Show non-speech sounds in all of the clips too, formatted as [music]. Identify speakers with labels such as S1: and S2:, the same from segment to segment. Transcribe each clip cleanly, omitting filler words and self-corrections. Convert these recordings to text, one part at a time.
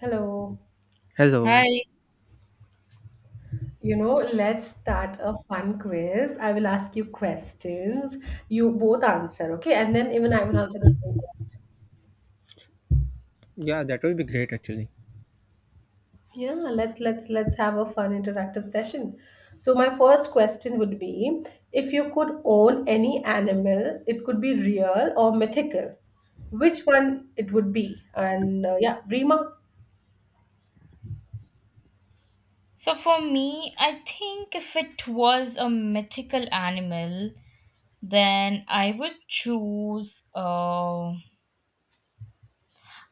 S1: Hello.
S2: Hello.
S3: Hi.
S1: You know, let's start a fun quiz. I will ask you questions. You both answer, okay? And then even I will answer the same question.
S2: Yeah, that would be great actually.
S1: Yeah, let's have a fun interactive session. So my first question would be if you could own any animal, it could be real or mythical. Which one it would be? And yeah, Rima.
S3: So for me, I think if it was a mythical animal, then I would choose.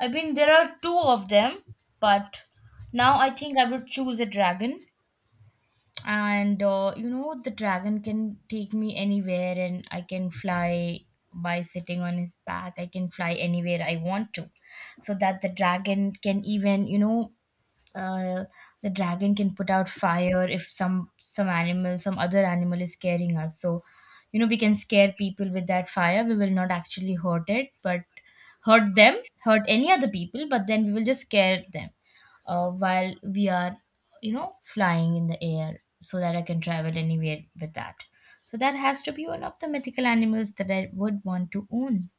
S3: I mean, there are two of them, but now I think I would choose a dragon. And you know, the dragon can take me anywhere, and I can fly by sitting on his back. I can fly anywhere I want to, so that the dragon can even uh, the dragon can put out fire if some animal, some other animal is scaring us. So you know, we can scare people with that fire. We will not actually hurt it, but hurt them, hurt any other people, but then we will just scare them while we are, you know, flying in the air, so that I can travel anywhere with that. So that has to be one of the mythical animals that I would want to own.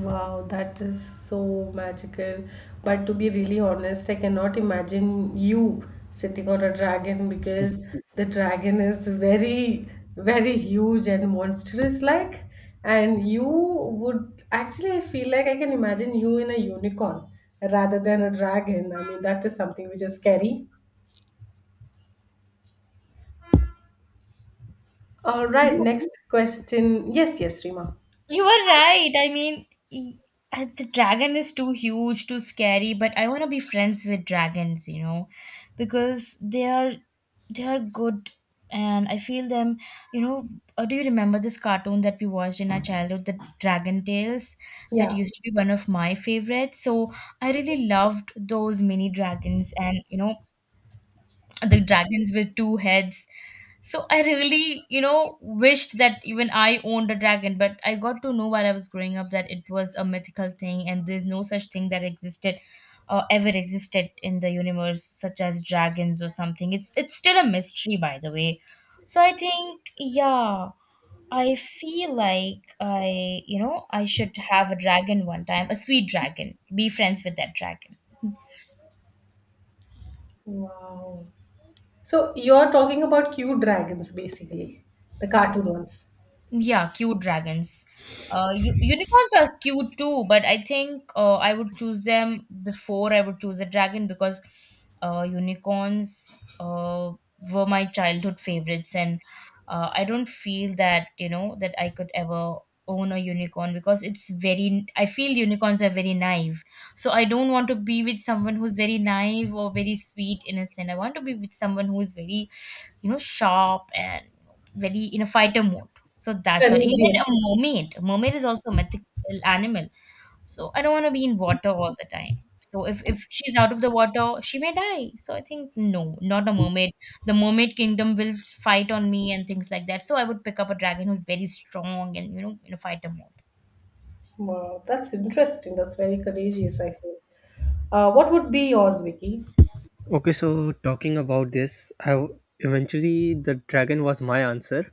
S1: Wow, that is so magical. But to be really honest, I cannot imagine you sitting on a dragon because the dragon is very, very huge and monstrous like. And you would actually, I feel like I can imagine you in a unicorn rather than a dragon. I mean, that is something which is scary. All right,
S3: you
S1: next question. Yes, yes, Rima.
S3: You were right. I mean, the dragon is too huge, too scary, but I want to be friends with dragons, you know, because they are good, and I feel them, you know. Uh, do you remember this cartoon that we watched in our childhood, the Dragon Tales? That
S1: Yeah.
S3: used to be one of my favorites. So I really loved those mini dragons and, you know, the dragons with two heads. So I really, you know, wished that even I owned a dragon, but I got to know while I was growing up that it was a mythical thing, and there's no such thing that existed or ever existed in the universe such as dragons or something. It's still a mystery, by the way. So I think, yeah, I feel like I, you know, I should have a dragon one time, a sweet dragon. Be friends with that dragon.
S1: Wow. So you're talking about cute dragons, basically, the cartoon ones.
S3: Yeah, cute dragons. Unicorns are cute too, but I think I would choose them before I would choose a dragon, because unicorns were my childhood favorites, and I don't feel that, you know, that I could ever own a unicorn because it's very. I feel unicorns are very naive, so I don't want to be with someone who's very naive or very sweet, innocent. I want to be with someone who is very, you know, sharp and very in a fighter mode. So that's what. Even a
S1: Courageous.
S3: mermaid. Mermaid is also a mythical animal. So I don't want to be in water all the time. So if she's out of the water, she may die. So I think no, not a mermaid. The mermaid kingdom will fight on me and things like that. So I would pick up a dragon who's very strong and, you know, in a fighter mode.
S1: Wow, that's interesting. That's very courageous, I feel. What would be yours, Vicky?
S2: Okay, so talking about this, eventually the dragon was my answer,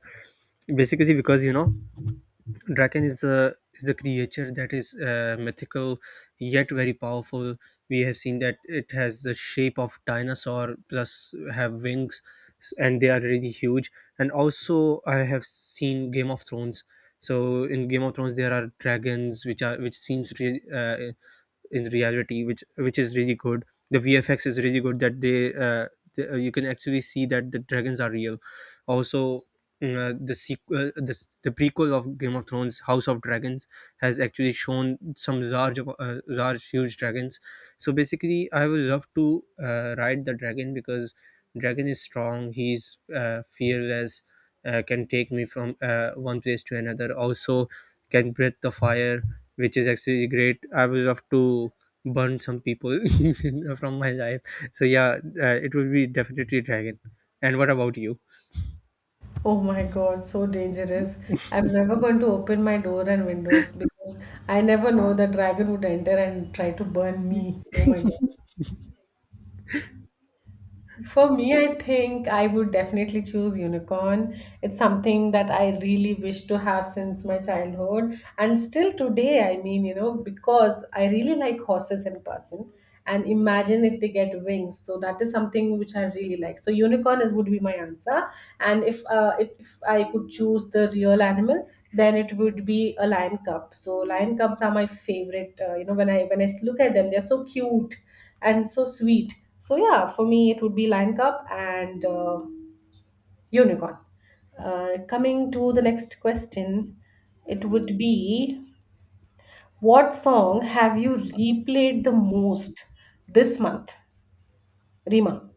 S2: basically because you know dragon is the creature that is mythical yet very powerful. We have seen that it has the shape of dinosaur plus have wings, and they are really huge. And also, I have seen Game of Thrones. So in Game of Thrones, there are dragons which seems really in reality which is really good. The VFX is really good that you can actually see that the dragons are real also. The prequel of Game of Thrones, House of Dragons, has actually shown some large huge dragons. So basically I would love to ride the dragon because dragon is strong, he's fearless, can take me from one place to another, also can breathe the fire, which is actually great. I was have to burn some people [laughs] from my life. So yeah, it will be definitely dragon. And what about you?
S1: Oh my God, so dangerous. I'm never going to open my door and windows because I never know the dragon would enter and try to burn me. Oh my God. For me, I think I would definitely choose unicorn. It's something that I really wish to have since my childhood. And still today, I mean, you know, because I really like horses in person. And imagine if they get wings. So that is something which I really like. So unicorn is would be my answer. And if if I could choose the real animal, then it would be a lion cub. So lion cubs are my favorite. You know, when I look at them, they're so cute and so sweet. So yeah, for me it would be Lion Cup and Unicorn. Coming to the next question, it would be what song have you replayed the most this month, Rima?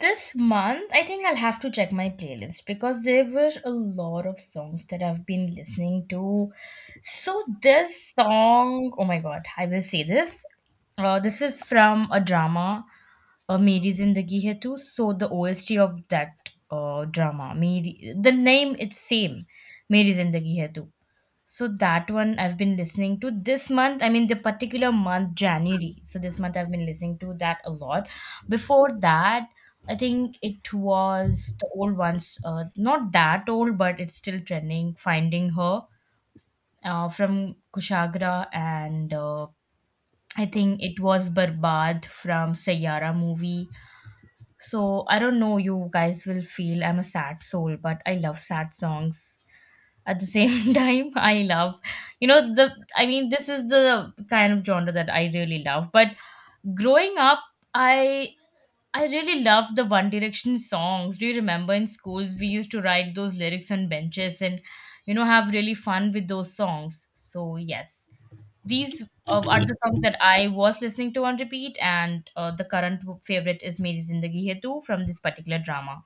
S3: This month, I think I'll have to check my playlist because there were a lot of songs that I've been listening to. So this song, oh my god, I will say this. This is from a drama, Meri Zindagi Hai Tu. So the OST of that drama, Meri, the name it's same, Meri Zindagi Hai Tu. So that one I've been listening to this month. I mean, the particular month, January. So this month I've been listening to that a lot. Before that, I think it was the old ones, not that old, but it's still trending. Finding Her from Kushagra, and I think it was Barbad from Sayara movie. So I don't know, you guys will feel I'm a sad soul, but I love sad songs at the same [laughs] time. I love, you know, the, I mean, this is the kind of genre that I really love. But growing up, i I really loved the One Direction songs. Do you remember in schools we used to write those lyrics on benches and, you know, have really fun with those songs? So yes, these are the songs that I was listening to on repeat, and the current favorite is Meri Zindagi Hai Tu from this particular drama.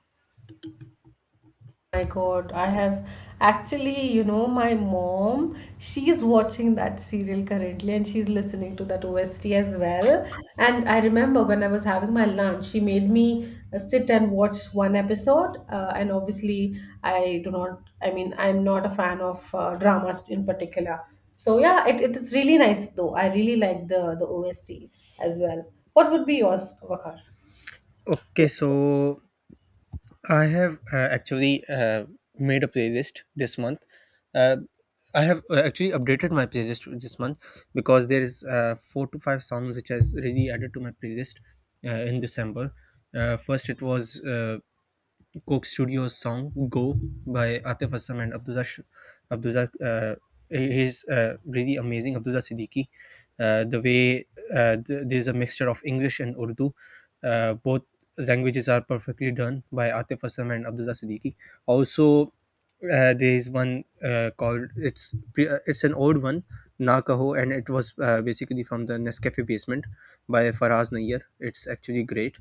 S1: My God, I have actually, you know, my mom, she's watching that serial currently and she's listening to that OST as well. And I remember when I was having my lunch, she made me sit and watch one episode. And obviously, I do not, I mean, I'm not a fan of dramas in particular. So yeah, it is really nice though. I really like the OST as well. What would be yours, Vakar?
S2: Okay, so I have actually made a playlist this month. Uh, I have actually updated my playlist this month because there is four to five songs which has really added to my playlist in December. First, it was Coke Studios song "Go" by Atif Aslam and Abdullah. He's really amazing. Abdullah Siddiqui, the way there's a mixture of English and Urdu, both languages are perfectly done by Atif Aslam and Abdullah Siddiqui. Also, there is one called, it's an old one, Na Kaho, and it was basically from the Nescafe Basement by Faraz Nayyar. It's actually great,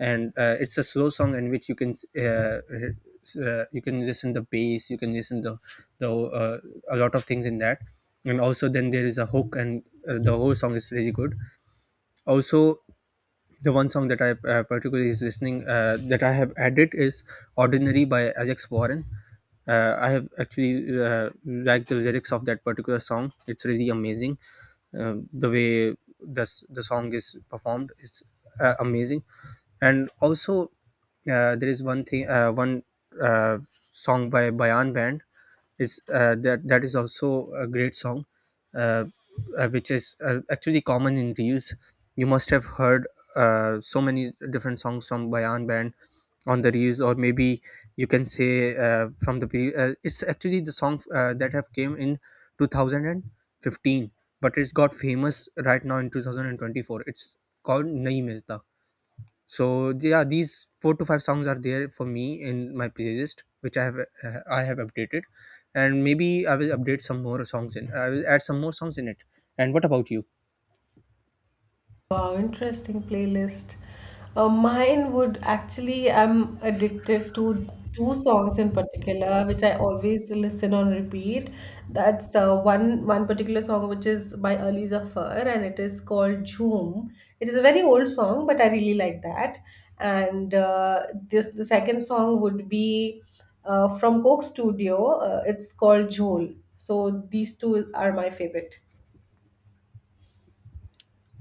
S2: and it's a slow song in which you can listen the bass, you can listen the a lot of things in that. And also then there is a hook, and the whole song is really good. Also, the one song that I particularly is listening, that I have added, is Ordinary by Alex Warren. I have actually liked the lyrics of that particular song. It's really amazing. The way the the song is performed is amazing. And also, there is one thing, one uh, song by Bayan Band. It's uh, that that is also a great song, uh, which is actually common in reels. You must have heard so many different songs from Bayan Band on the reels, or maybe you can say it's actually the song that have came in 2015, but it's got famous right now in 2024. It's called Nahi Milta. So yeah, these four to five songs are there for me in my playlist, which I have updated, and maybe I will update some more songs in. I will add some more songs in it. And what about you?
S1: Wow, interesting playlist. Mine would actually, I'm addicted to two songs in particular, which I always listen on repeat. That's one particular song which is by Ali Zafar, and it is called Jhoom. It is a very old song, but I really like that. And this the second song would be from Coke Studio. It's called Jhol. So these two are my favorite.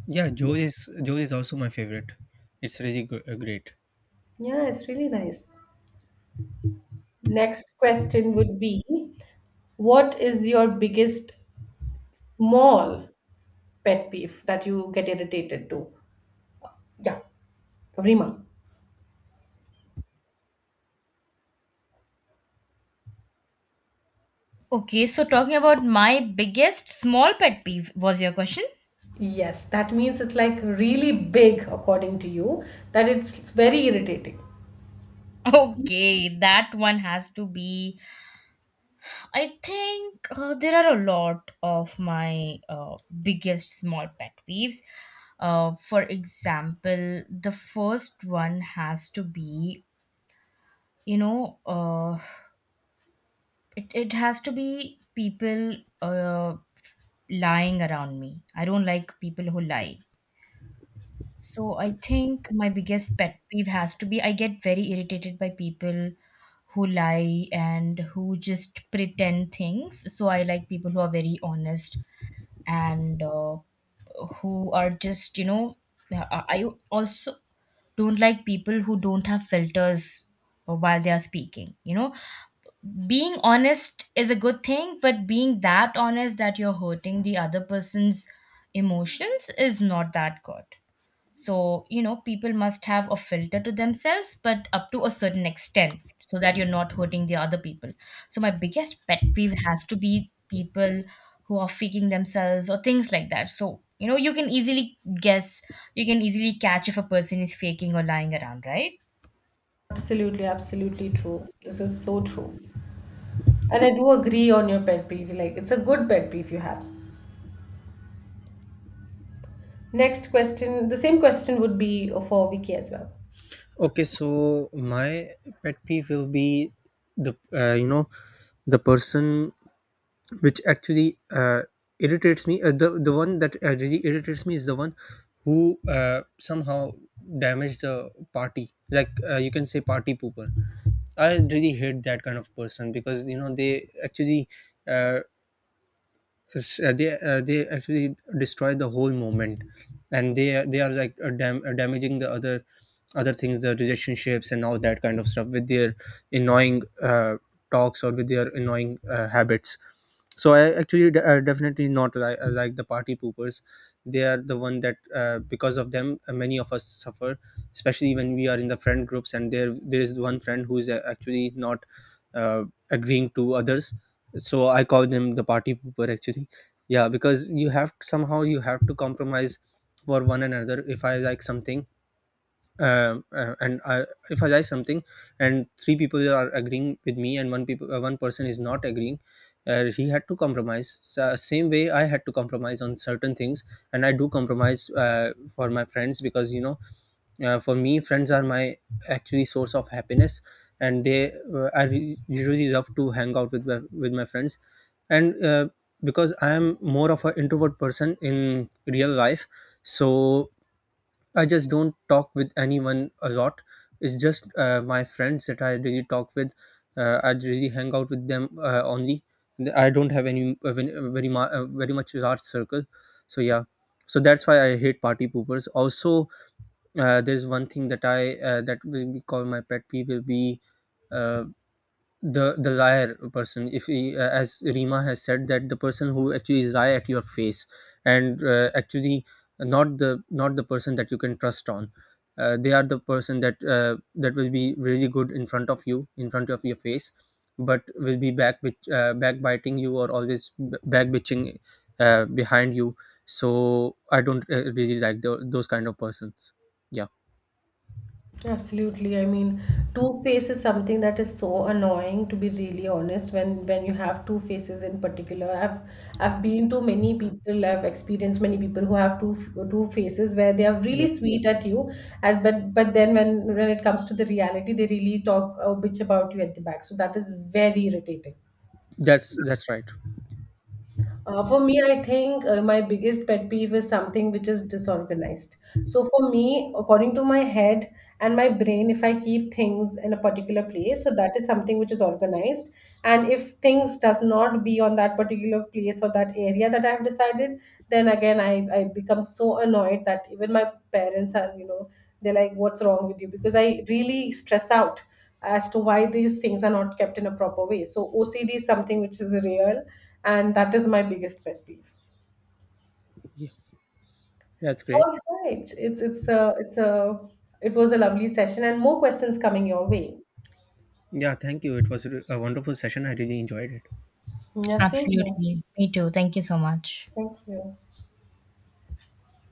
S2: Yeah, Joe is also my favorite. It's really great.
S1: Yeah, it's really nice. Next question would be, what is your biggest small pet peeve that you get irritated to? Yeah, Rima.
S3: Okay, so talking about my biggest small pet peeve was your question.
S1: Yes, that means it's like really big, according to you, that it's very irritating.
S3: Okay, that one has to be. I think there are a lot of my biggest small pet peeves. For example, the first one has to be, you know, it has to be people lying around me. I don't like people who lie. So I think my biggest pet peeve has to be I get very irritated by people who lie and who just pretend things. So I like people who are very honest, and who are just, you know, I also don't like people who don't have filters while they are speaking. You know, being honest is a good thing, but being that honest that you're hurting the other person's emotions is not that good. So, you know, people must have a filter to themselves, but up to a certain extent, so that you're not hurting the other people. So my biggest pet peeve has to be people who are faking themselves or things like that. So, you know, you can easily guess, you can easily catch if a person is faking or lying around, right?
S1: Absolutely, absolutely true. This is so true. And I do agree on your pet peeve. Like, it's a good pet peeve you have. Next question, the same question would be for Vicky as well.
S2: Okay, so my pet peeve will be the, you know, the person which actually irritates me. The one that really irritates me is the one who somehow damaged the party. Like, you can say party pooper. I really hate that kind of person because you know they actually, uh, it's, they actually destroy the whole moment, and they are like damaging the other things, the relationships and all that kind of stuff with their annoying talks or with their annoying habits. So I actually definitely not like the party poopers. They are the one that, because of them, many of us suffer, especially when we are in the friend groups and there is one friend who is actually not uh, agreeing to others. So I call them the party pooper actually. Yeah, because you have somehow you have to compromise for one another. If I like something, um, uh, and I, if I like something and three people are agreeing with me and one person is not agreeing, he had to compromise. So same way I had to compromise on certain things, and I do compromise for my friends because you know, for me friends are my actually source of happiness, and they I usually love to hang out with my friends. And because I am more of an introvert person in real life, so I just don't talk with anyone a lot. It's just my friends that I really talk with, I really hang out with them only. I don't have any very much large circle. So yeah, so that's why I hate party poopers. Also, there's one thing that I that will be called my pet peeve will be uh, the liar person. If he, as Rima has said, that the person who actually lie at your face and, actually not the person that you can trust on. They are the person that, that will be really good in front of you, in front of your face, but will be backbiting you or always back bitching behind you. So I don't really like those kind of persons. Yeah.
S1: Absolutely. I mean, two face is something that is so annoying to be really honest when you have two faces in particular. I've been to many people, I've experienced many people who have two faces where they are really sweet at you and but then when it comes to the reality they really talk a bitch about you at the back. So that is very irritating.
S2: That's right.
S1: For me, I think my biggest pet peeve is something which is disorganized. So, for me, according to my head and my brain, if I keep things in a particular place, so that is something which is organized. And if things does not be on that particular place or that area that I have decided, then again I become so annoyed that even my parents are, you know, they're like, "What's wrong with you?" Because I really stress out as to why these things are not kept in a proper way. So OCD is something which is real, and that is my biggest pet peeve.
S2: Yeah. That's
S1: All
S2: great.
S1: right, it's a it was a lovely session, and more questions coming your way.
S2: Yeah, thank you. It was a wonderful session. I really enjoyed it.
S1: Yeah, same here.
S3: Absolutely. Me too. Thank you so much.
S1: Thank you.